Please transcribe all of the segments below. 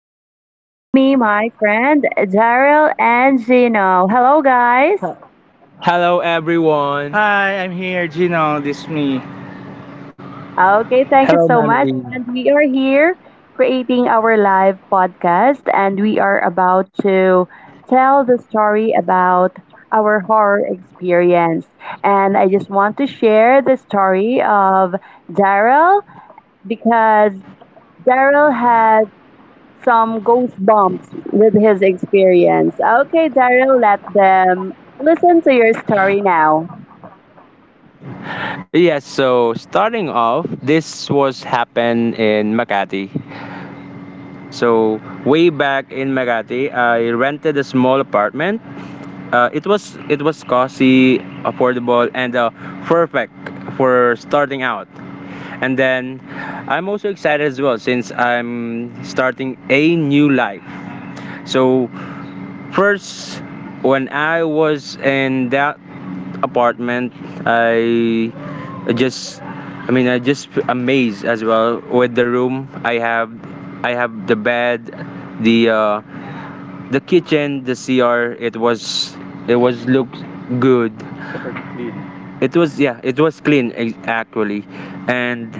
I have here with me my friend Daryl and Gino. Hello, guys. Hello everyone. Hi, I'm here, Gino. This is me. Okay, thank you so much. And we are here creating our live podcast, and we are about to tell the story about our horror experience. And I just want to share the story of Daryl because Daryl has some ghost bumps with his experience. Okay, Daryl, let them listen to your story now. Yes, so starting off, this was happened in Makati. So way back in Makati, I rented a small apartment. It was cozy, affordable, and perfect for starting out. And then I'm also excited as well since I'm starting a new life. So first, when I was in that apartment, I I just amazed as well with the room. I have the bed, the uh, the kitchen, the CR. It was looked good, super clean. It was, yeah, it was clean actually. And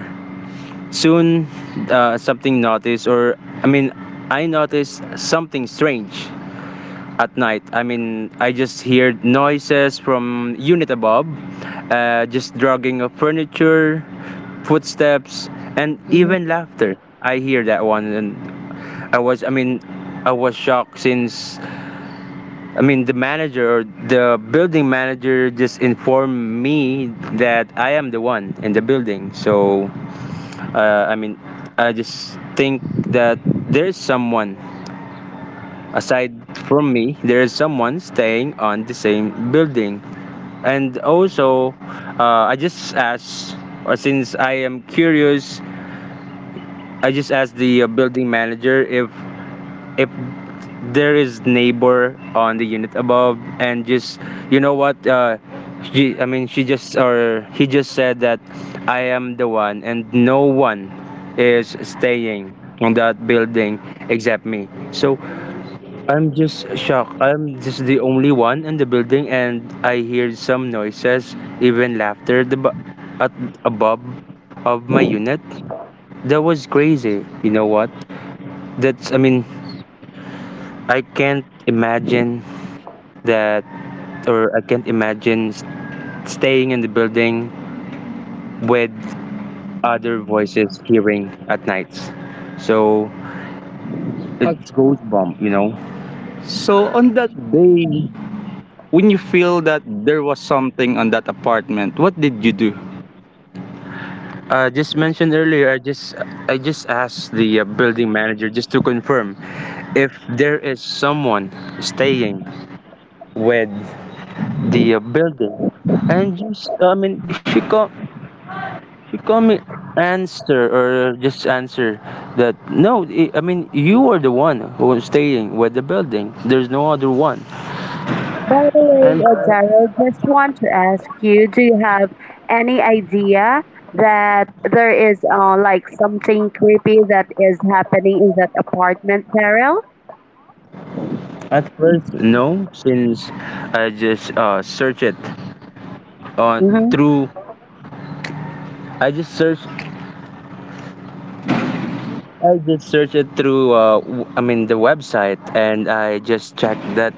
soon, something noticed or I mean I noticed something strange at night. I mean, I just hear noises from unit above, just dragging of furniture, footsteps, and Mhm. even laughter. I hear that one. And I was, I mean, I was shocked since, I mean, the manager or the building manager just informed me that I am the one in the building. So, I mean, I just think that there is someone aside from me, there is someone staying on the same building. And also, I just asked, or since I am curious, I just asked the building manager if if there is neighbor on the unit above. And just, you know what, she, I mean, she just or he just said that I am the one, and no one is staying on that building except me. So I'm just shocked. I'm just the only one in the building and I hear some noises, even laughter at above of my unit. That was crazy. You know what? That's I mean, I can't imagine that, or I can't imagine staying in the building with other voices hearing at nights. So it goes bump, you know. So on that day, when you feel that there was something on that apartment, what did you do? Just mentioned earlier, I just asked the building manager just to confirm if there is someone staying with the building. And just, I mean, she called me, answer or just answer that, no, I mean you are the one who is staying with the building. There's no other one. By the way, And Daryl, just want to ask you, do you have any idea that there is like something creepy that is happening in that apartment, Daryl? at first no, since I just searched it, uh, Mm-hmm. through, I just search I just search it through, I mean, the website. And I just checked that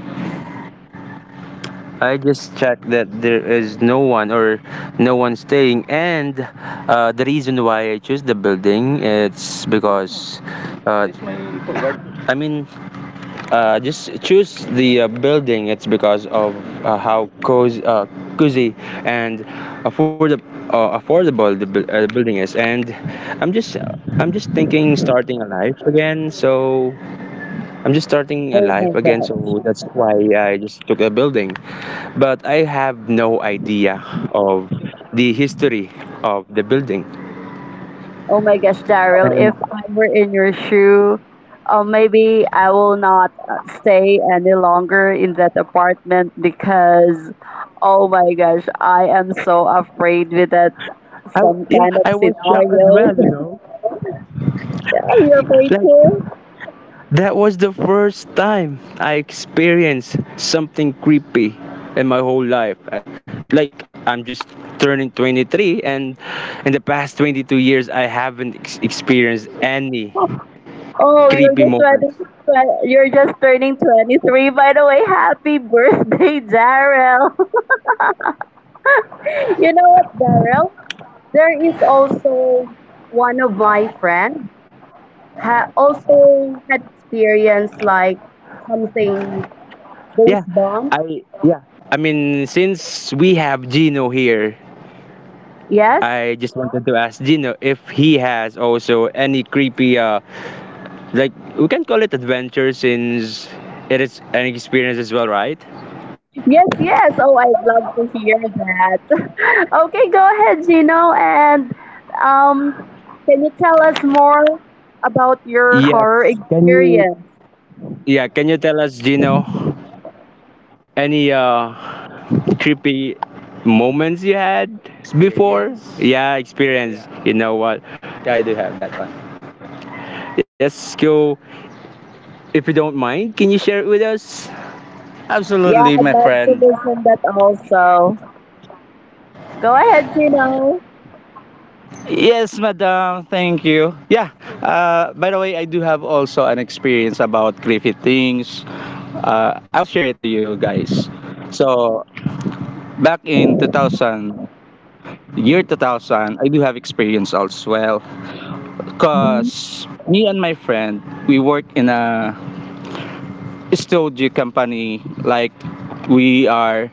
I just checked that there is no one, or no one staying. And the reason why I choose the building it's because, uh, I mean just choose the building. It's because of how cozy, cozy and affordable, affordable the building is. And I'm just thinking starting a life again. So I'm just starting a Oh my life again. So gosh. that's why I just took a building. But I have no idea of the history of the building. Oh my gosh, Daryl, And if I were in your shoe, maybe I will not stay any longer in that apartment because, oh my gosh, I am so afraid with that some yeah, kind I of was shocked as well. scenarios. You know, Are you afraid like, too? that was the first time I experienced something creepy in my whole life. Like I'm just turning 23, and in the past 22 years I haven't experienced any Oh, you're creepy just moments. turning, you're just turning 23. By the way, happy birthday, Daryl. You know what, Daryl? There is also one of my friends also had experience like something Yeah, ghost bomb. I yeah. I mean, since we have Gino here, Yes, I just wanted to ask Gino if he has also any creepy like, we can call it adventure, since it is an experience as well, right? yes, yes. Oh, I'd love to hear that. Okay, go ahead, Gino, and um, can you tell us more about your Yes. horror Can you? experience? Yeah. Can you tell us, Gino, any creepy moments you had before? Experience. Yeah, experience. Yeah. You know what? I do have that one. Yes, go. If you don't mind, can you share it with us? Yeah, Absolutely, I'd my love to friend. listen that also. Go ahead, Gino. Yes, madam. Thank you. Yeah. By the way, I do have also an experience about creepy things. I will share it to you guys. So, back in 2000, year 2000, I do have experience as well. Mm-hmm, Because me and my friend, we work in a studio company. Like, we are,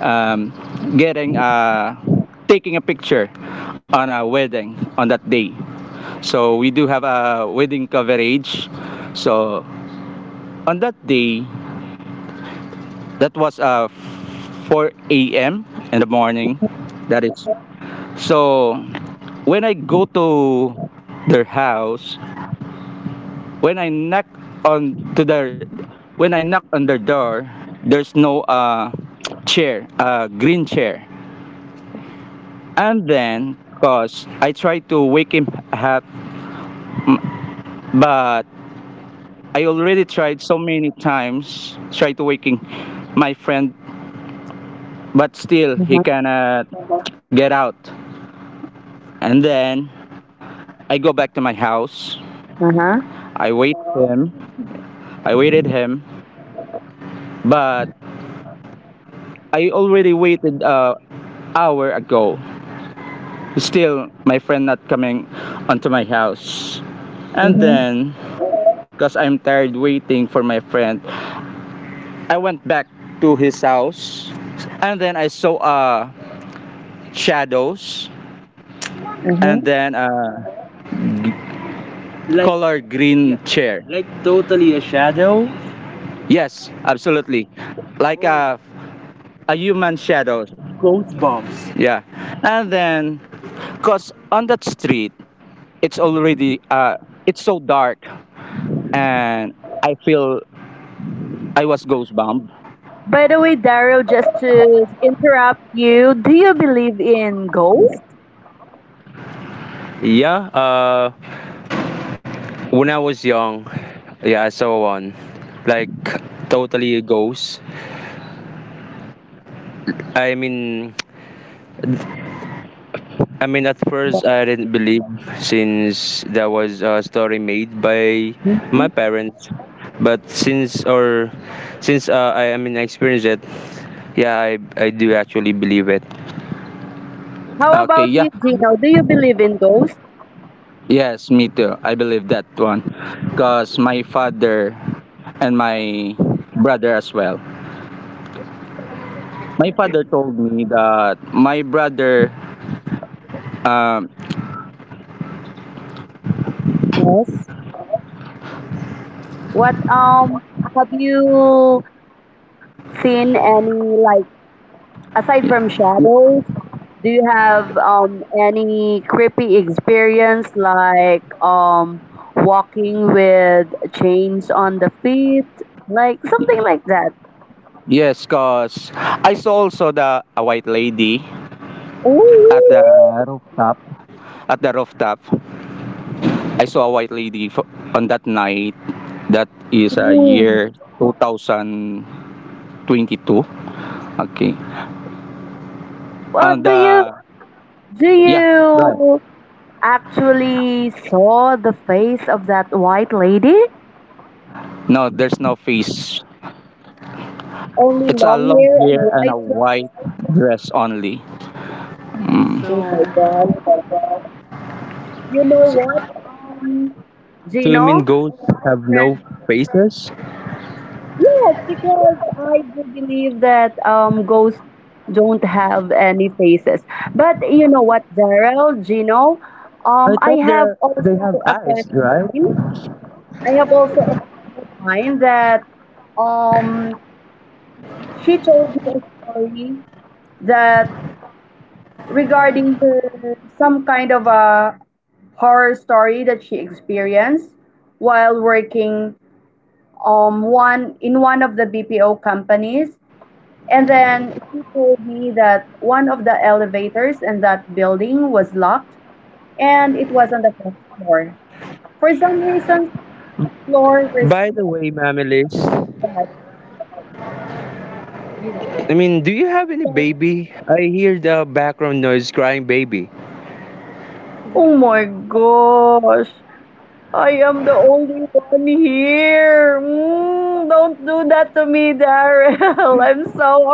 um, getting a, taking a picture on a wedding on that day. So, we do have a wedding coverage. So, on that day, that was 4 a.m. in the morning. mm-hmm, That is. So, when I go to their house, when I knock on to their when I knock on their door, there's no chair, green chair. And then, cause I try to wake him up, m- but I already tried so many times try to waking my friend, but still he uh-huh, cannot get out. And then I go back to my house. uh-huh, I wait him. I waited him, but I already waited a hour ago. Still, my friend not coming onto my house. And mm-hmm, then, because I'm tired waiting for my friend, I went back to his house. And then I saw, shadows. And mm-hmm. then a color green chair. Like totally a shadow? Yes, absolutely. Like, oh, a human shadow. Ghost bombs. Yeah. And then, because on that street, it's already, it's so dark. And I feel I was ghost bombed. By the way, Daryl, just to interrupt you, do you believe in ghosts? Yeah, when I was young, yeah, I saw one, like totally a ghost. I mean, I mean at first I didn't believe since there was a story made by my Hmm. parents. But since, or since, I mean I experienced it, yeah, I do actually believe it. How Okay, about yeah. you, Gino? Do you believe in ghosts? Yes, me too. I believe that one. Because my father and my brother as well. My father told me that my brother, um, Yes. What, have you seen any like aside y- from y- shadows? Do you have any creepy experience like walking with chains on the feet, like something like that? yes, because I saw also the a white lady at the Oh, rooftop. At the rooftop, I saw a white lady on that night. That is a really? Mm. year 2022. Okay. Uh, On do you the, Do yeah, right. you actually saw the face of that white lady? No, there's no face. Only It's a long long hair and hair and a white dress. white dress only. Oh Mm. my God! You know what? So you mean Gino? ghosts My have no friend. faces? Yes, because I do believe that ghosts don't have any faces. But you know what, Daryl, Gino, I I thought there have are, they have also a friend eyes, of right? mine. I have also a friend of mine that um she told me a story that regarding her some kind of a horror story that she experienced while working one of the BPO companies, and then she told me that one of the elevators in that building was locked and it was on the first floor for some reason floor was By the way, Mamilis, not I mean, do you have any that baby? I hear the background noise crying baby. oh my gosh, I am the only one here. Mm, don't do that to me, Daryl. I'm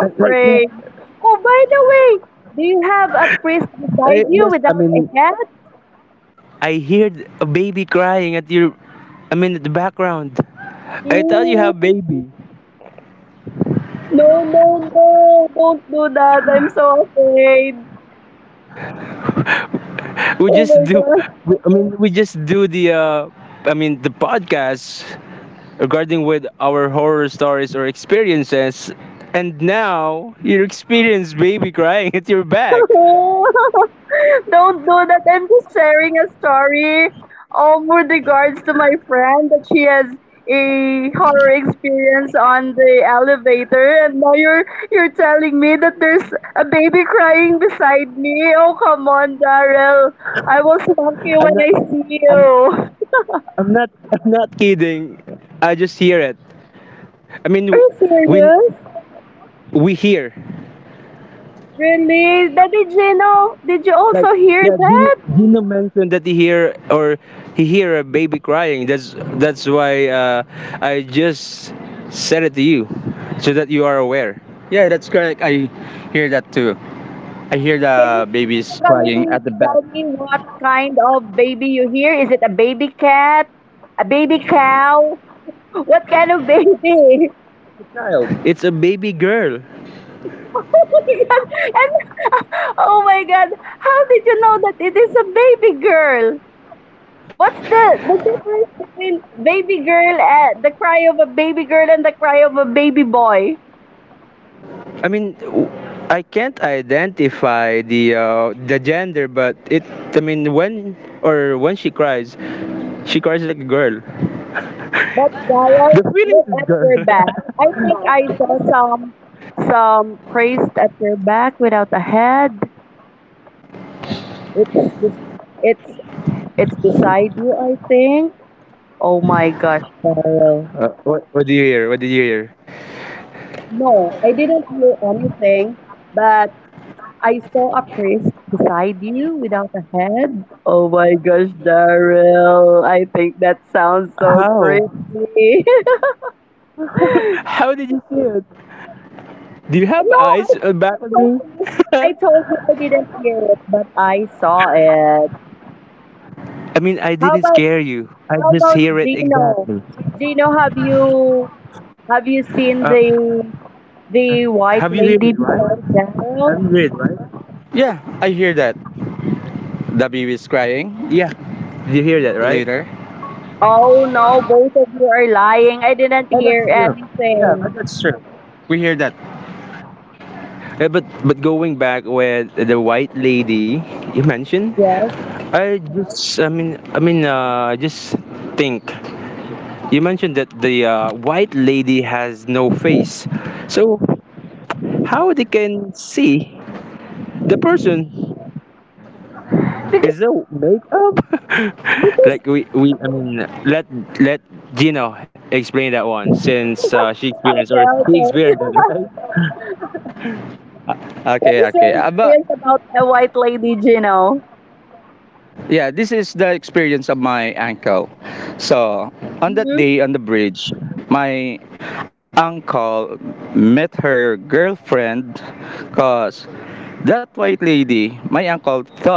Like, yeah, afraid. Oh, by the way, do you have a priest beside you yes. I without a mean, head? I hear a baby crying at your, I mean, at the background. I thought you have Mm, baby. no, no, no. Don't do that. I'm so afraid. We Oh just my do. god. We, I mean, we just do the. I mean, the podcast regarding with our horror stories or experiences. And now you experience baby crying at your back. Don't do that. I'm just sharing a story, with regards to my friend that she has a horror experience on the elevator, and now you're telling me that there's a baby crying beside me. Oh come on, Daryl. I will spank I'm you not, when I see you. I'm Are I'm not I'm not kidding. I just hear it. I mean, you when serious? we hear, Really? Daddy Gino, did you like, also hear yeah, that? Gino mentioned that he hear a baby crying. That's why, I just said it to you so that you are aware. Yeah, that's correct. I hear that too. I hear Can you the babies crying specifically at the back. tell me what kind of baby you hear? Is it a baby cat? A baby cow? What kind of baby? Child. It's a baby girl. Oh my god. And, oh my god. How did you know that it is a baby girl? What's the difference between baby girl and the cry of a baby girl and the cry of a baby boy? I mean, I can't identify the gender, but it. I mean, when she cries like a girl. But Daryl, The feelings look is at girl. your back. I think I saw some priest at your back without a head. It's bes- it's it's beside you, I think. Oh my gosh, Carl. What do you hear? What did you hear? No, I didn't hear anything, but I saw a priest beside you without a head. Oh my gosh, Daryl. I think that sounds so How? creepy. How did you see it? Do you No, have I, eyes, I back at told me? you. I told you I didn't hear it, but I saw it. I mean, I How didn't about scare you. I how just about hear it Gino? exactly. Gino, have you seen Uh, the white have you heard lady it right? beside Have Daryl? you heard it right? Yeah, I hear that. The baby is crying. Yeah, did you hear that, right? Later. Oh no, both of you are lying. I didn't Yeah, hear that's true. Yeah, but anything. that's true. Eh, but going back with the white lady you mentioned, Yes? I just I mean just think you mentioned that the white lady has no face, so how they can see the person Because, is the makeup? because, Like, we I mean, let Gino explain that one, since she experienced or okay, he okay. experienced it, right? What Okay, is okay. your About, experience about a white lady, Gino? yeah, this is the experience of my uncle. So, on that Hmm? day on the bridge, my uncle met her girlfriend, because that white lady, my uncle thought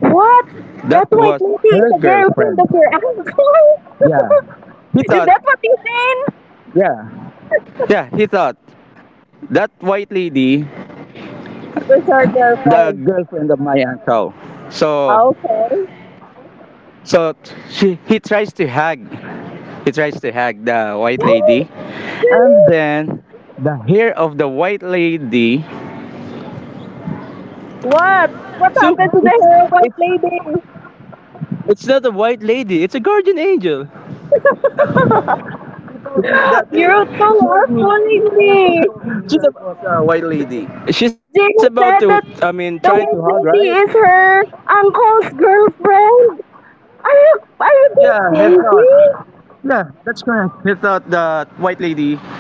What? that That was white lady her is a girlfriend girlfriend. of your uncle? Yeah. He Is thought, that what you mean? yeah. Yeah, he thought that white lady, It's her the girlfriend. girlfriend of my uncle. So, Okay. so she, he tries to hug. He tries to hug the white lady. And Really? then the hair of the white lady. What? What So happened to the It's hair white it's lady? it's not a white lady. It's a guardian angel. She told me that it, You two told are me, fooling Ayan me. told me, she's that a, it was a white lady. She's about Jacob to, said I that mean, trying to the hug, white right? lady is her uncle's girlfriend. Are Yeah, you he guys thought. crazy? Yeah, that's correct. He thought the white lady,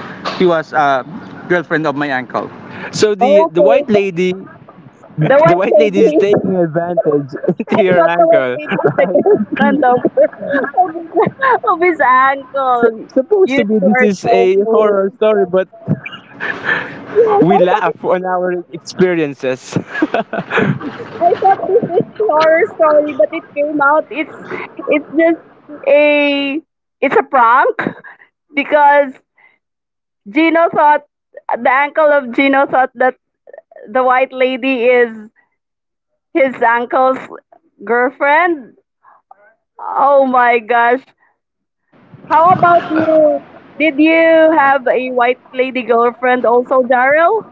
she was a girlfriend of my uncle. So Okay, the, the the white white lady is taking lady. advantage to I your thought the white uncle, lady is the right? girlfriend of her, of his of his uncle. Supposed You to be two are this is so a fool. horror story, but Yes, we I thought it. laugh on our experiences. I thought this is a horror story, but it came out. It's just a it's a prank because Gino thought the uncle of Gino thought that the white lady is his uncle's girlfriend. Oh my gosh. How about you? Did you have a white lady girlfriend also, Daryl?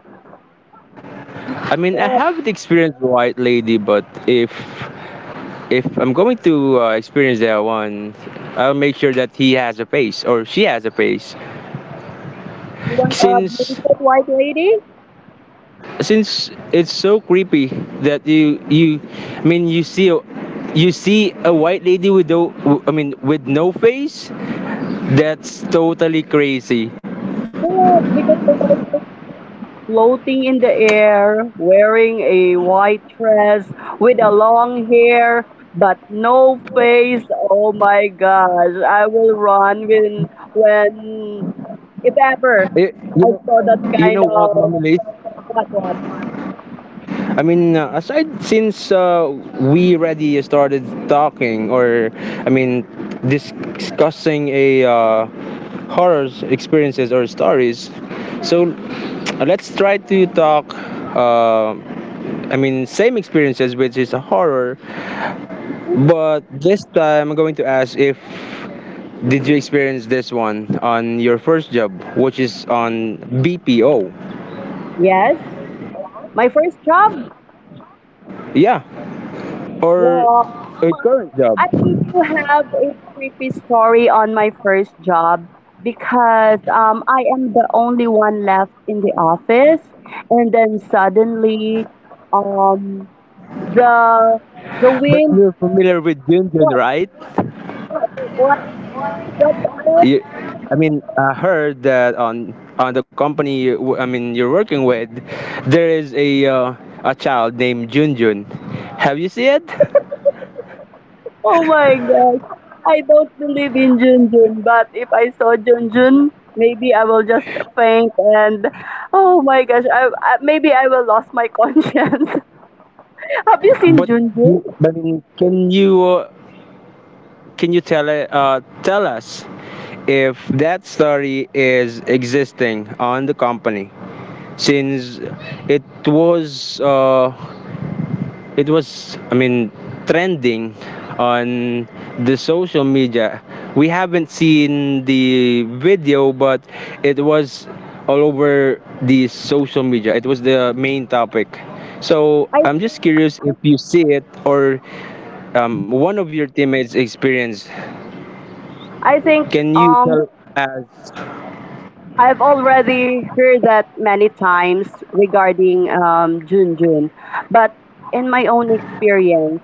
I mean, I What? haven't experienced White Lady, but if I'm going to experience that one, I'll make sure that he has a face or she has a face, You want a since beautiful white lady? It's so creepy that you, I mean, you see. You see a white lady with no, I mean, with no face. That's totally crazy. Correct, because the white lady floating in the air, wearing a white dress with a long hair but no face. Oh my gosh, I will run when if ever Eh, you I know, saw that you kind know what, of Mamilis? what what. Aside since we already started talking, or I mean, discussing a horrors experiences or stories, so let's try to talk. Uh, same experiences, which is a horror, but this time I'm going to ask if did you experience this one on your first job, which is on BPO? Yes, my first job. Yeah, or Well, a current job. I do have a creepy story on my first job because I am the only one left in the office, and then suddenly, um, the But the you're wind. familiar with Junjun, right? What? What? What? You, Daryl? I heard that on the company I mean you're working with, there is a child named Junjun. Have you seen it? Oh my gosh! I don't believe in Junjun, but if I saw Junjun, maybe I will just faint and oh my gosh! I maybe I will lose my conscience. Have you seen But Junjun? I mean, can you tell us if that story is existing on the company since it was uh, it was trending on the social media. We haven't seen the video, but it was all over the social media. It was the main topic, so I I'm just think curious if you see it, or one of your teammates experienced. I think Can you um tell us? I've already heard that many times regarding Jun Jun, but in my own experience.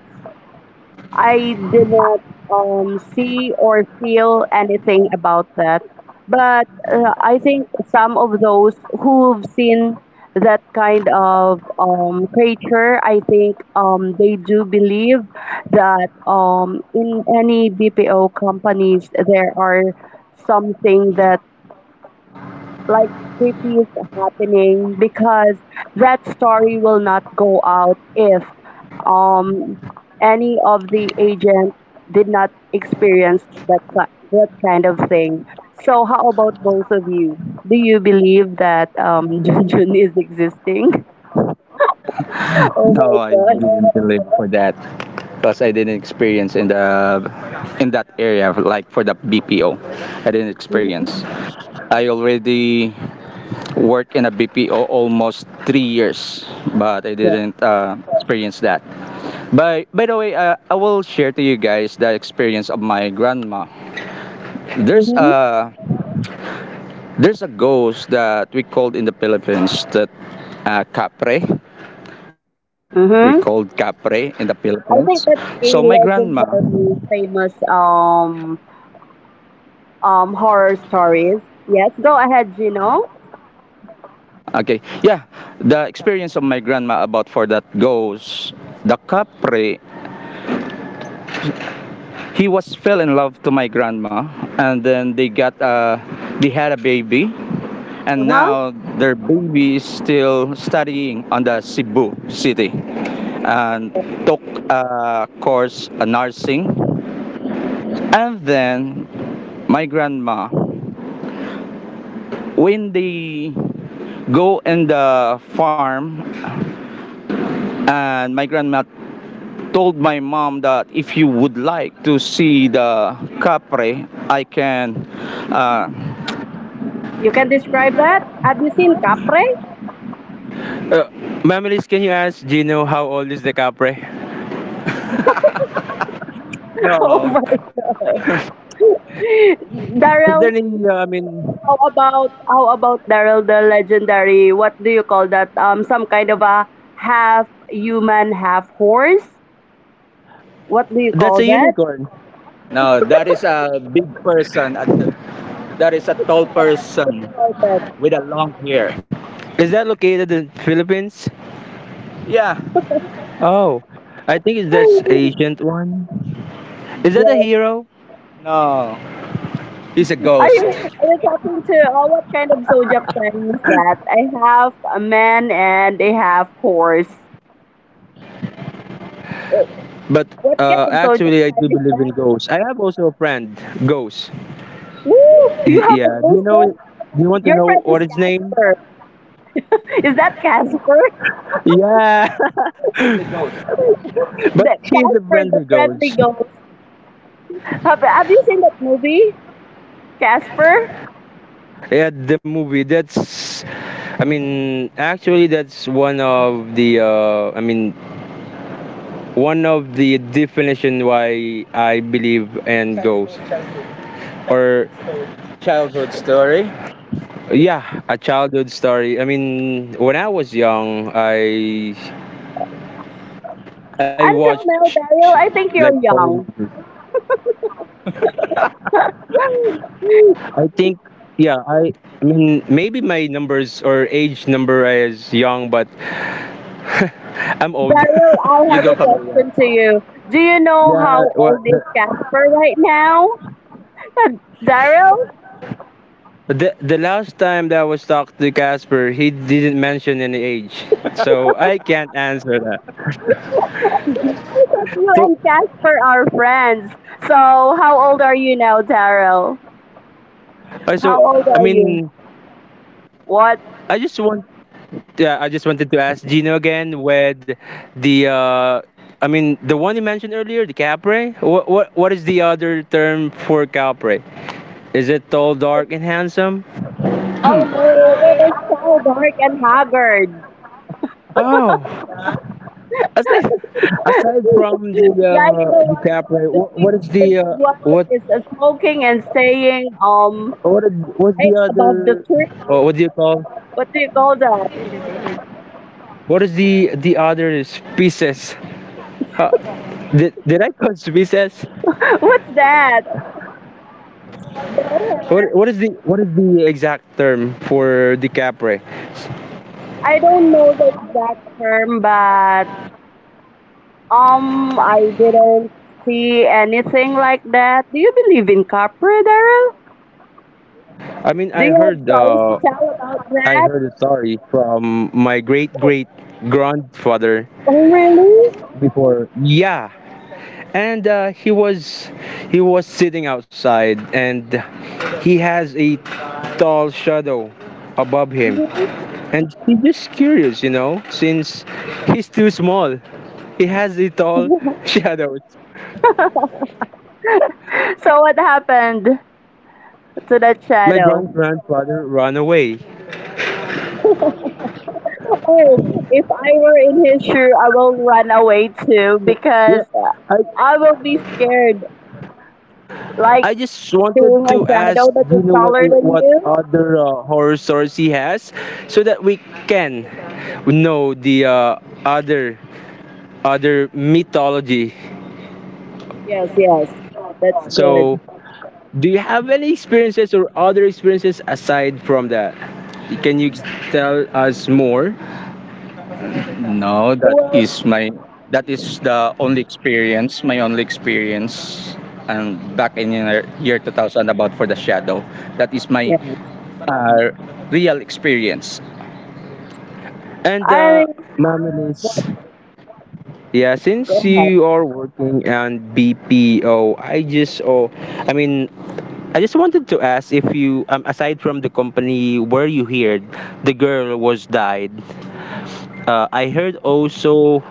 I did not see or feel anything about that. But I think some of those who've seen that kind of creature, I think they do believe that in any BPO companies, there are something that like creepy is happening because that story will not go out if um any of the agents did not experience that that kind of thing. So how about both of you? Do you believe that Junjun is existing? Oh No, my I god. didn't live for that because I didn't experience in the in that area like for the BPO. I didn't experience. Mhm. I already worked in a BPO almost 3 years, but I Yeah. didn't experience that. By the way, I will share to you guys the experience of my grandma. There's Mm-hmm. a there's a ghost that we called in the Philippines that capre. We called Mm-hmm. capre in the Philippines. I think So my that's a grandma, legendary famous horror stories. Yes, go ahead, Gino. okay, yeah, the experience of my grandma about for that ghost, the capre, he was fell in love to my grandma, and then they had a baby, and Uh-huh. now their baby is still studying on the Cebu City and Okay. took a course, a nursing, and then my grandma, when they go in the farm, and my grandma told my mom that if you would like to see the capre, I can uh, You can describe that? Have you seen Capre? uh, Mamilis, can you ask Gino how old is the Capre? Oh No, my. is there any, Daryl, I mean, how about Daryl the legendary? What do you call that? Some kind of a half human, half horse? What do you that's a call that? unicorn. No, that is a big person. At the, that is a tall What do you person call that? with a long hair. Is that located in Philippines? Yeah. Oh, I think it's that's ancient one. Is that a Yes. hero? No, he's a ghost. Are you talking to oh, what kind of zodiac sign is that? I have a man and a half horse. Eh, But what kind of zodiac actually, I do sign is believe in that? ghosts. I have also a friend, ghost. Woo! You have a Yeah. Do ghost. you know? Do you want to Your know friend what is his name? Casper. Is that Casper? Yeah, the ghost. But That he's a Casper, the friendly friendly ghost. ghost. Have you seen that movie, Casper? Yeah, the movie. I mean, actually, that's one of the. I mean, one of the definition why I believe in ghosts, or childhood story. Yeah, a childhood story. I mean, when I was young, I Until watched now, like Daryl, I horror think you're movies. young. Daryl, I think, yeah, I mean, maybe my numbers or age number is young, but I'm old. You I go have from a there. question to you. Do you know Yeah, how well, old is Casper right now? Uh, Daryl, the last time that I was talking to Casper, he didn't mention any age, so I can't answer that. I thought you So, and Casper are friends. So, how old are you now, Daryl? So How old I are you? mean, What? I just want, yeah, I just wanted to ask Gino again with the, uh, I mean, the one you mentioned earlier, the Capre. What is the other term for Capre? Is it tall, dark, and handsome? Oh no, it is so dark and haggard. Oh, aside aside from the Like the one, DiCaprio, the big, what is the the big one that what is smoking and saying, what is, what's the right other? above the Oh, what do you tree. call? What do you call that? What is the other species? Huh, did I call species? What's that? What Bohan. is the what is the exact term for DiCaprio? I don't know the exact term, but I didn't see anything like that. Do you believe in Capri, Daryl? I mean, Do you have stories to tell about I that? heard a story from my Oh, great grandfather oh really? before. Yeah, and he was sitting outside, and he has a tall shadow above him, and he's just curious, you know, since he's too small, he has a tall shadow. So what happened to that My shadow? grandfather ran away. Or if I were in his shoe, I will run away too So, yeah, because i I will be scared. I Like just wanted seeing a to ask, shadow that do you is know what taller than what you. other horror stories he has so that we can know the other other mythology. Yes, yes, that's good. So, do you have any experiences or other experiences aside from that? Can you tell us more? No, that Well, is my That is the only experience, my only experience, and back in year 2000 about for the shadow. That is my yes. uh, real experience. And I think Ma'am Elise, what? yeah, Go since ahead. you are working on BPO, I mean, I just wanted to ask if you, aside from the company where you heard the girl was died, I heard also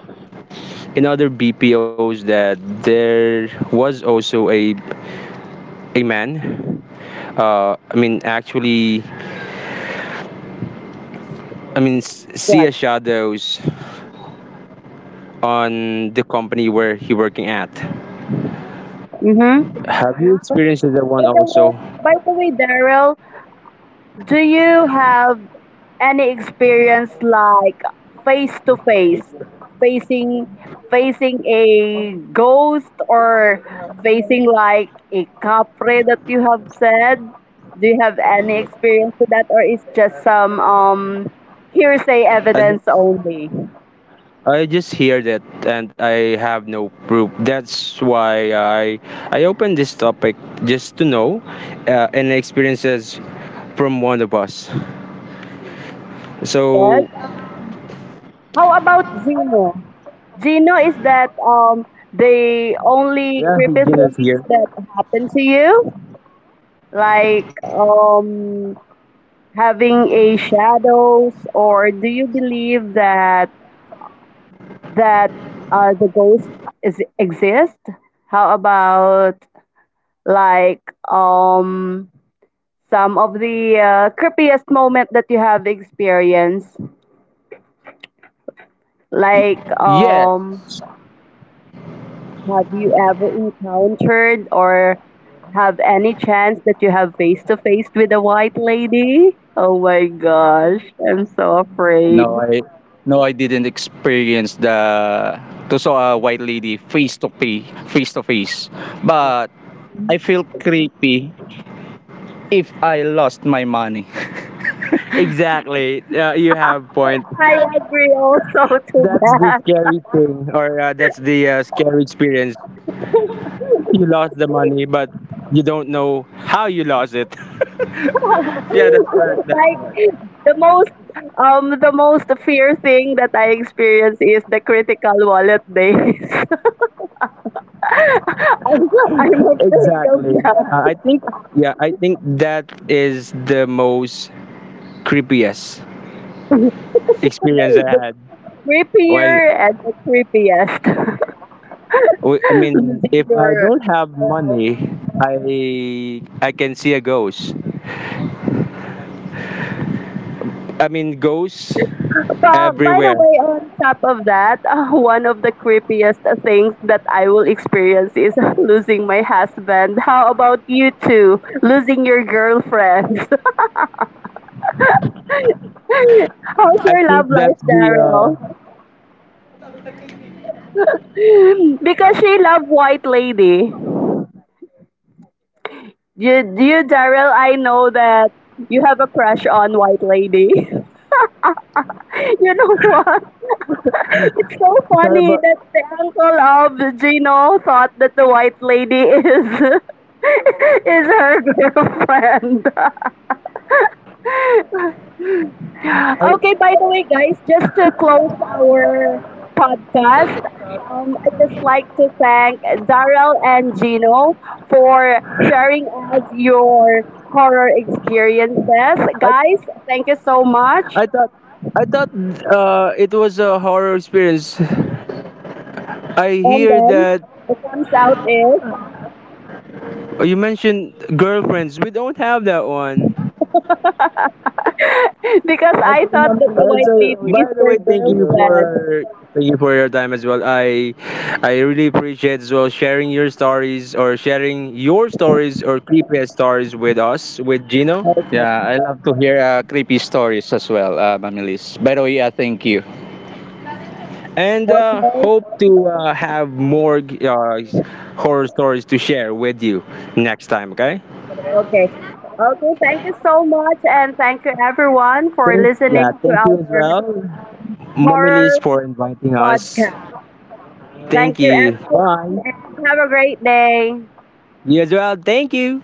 in other BPOs that there was also a man. I mean, actually, I mean, see What? a shadows on the company where he working at. Mm-hmm. Have you By, experienced that one by the way, also? by the way, Daryl, do you have any experience like face to face facing facing a ghost or facing like a capre that you have said? Do you have any experience with that, or is just some hearsay I just, evidence only? I just heard it and I have no proof. That's why I opened this topic just to know and experiences from one of us. Yes, So how about Gino? Gino, is that the only yeah, he creepy Gino's things here. that happen to you, like having a shadows? Or do you believe that that the ghost is exist? How about like um some of the creepiest moment that you have experienced, like Yeah. Have you ever encountered or have any chance that you have face to face with a white lady? Oh my gosh, I'm so afraid. No, I no, I didn't experience the to saw a white lady face to face, face to face. But I feel creepy if I lost my money. Exactly. You have point. I agree also to That's the that. scary thing, or that's the scary experience. You lost the money, but you don't know how you lost it. Yeah, that's correct. That's Like correct. the most the most fear thing that I experience is the critical wallet days. I'm, I'm afraid of Exactly. that. I think, yeah, I think that is the most creepiest experience I The had. When creepier and the creepiest. I mean, Losing if I your don't have money, allowance. I can see a ghost. I mean, ghosts But by the everywhere. way, on top of that, one of the creepiest things that I will experience is losing my husband. How about you two? Losing your girlfriend? How's I your think love life, that's the Daryl? Because she love White Lady. You, you, Daryl, I know that you have a crush on White Lady. You know what? It's so sorry, funny but that the uncle of Gino thought that the White Lady is is her girlfriend. I Okay, by the way, guys, just to close our podcast, I just like to thank Daryl and Gino for sharing us your horror experiences. I Guys, thank you so much. I thought I thought it was a horror experience. I And hear then that the comes out is you mentioned girlfriends. We don't have that one. because I thought that the white So, lady by is the your way, girlfriend. Thank you for your time as well. I really appreciate as well sharing your stories or creepy stories with us with Gino. Okay. Yeah, I love to hear creepy stories as well, Mamilis. By the way, thank you. And Okay. hope to have more horror stories to share with you next time. Okay. Okay. Okay, thank you so much, and thank you everyone for yeah, listening to thank you as our well, Mommy Liz, horror for inviting us. podcast. Thank Thank you you. Bye. everyone, and have a great day. You as well. Thank you.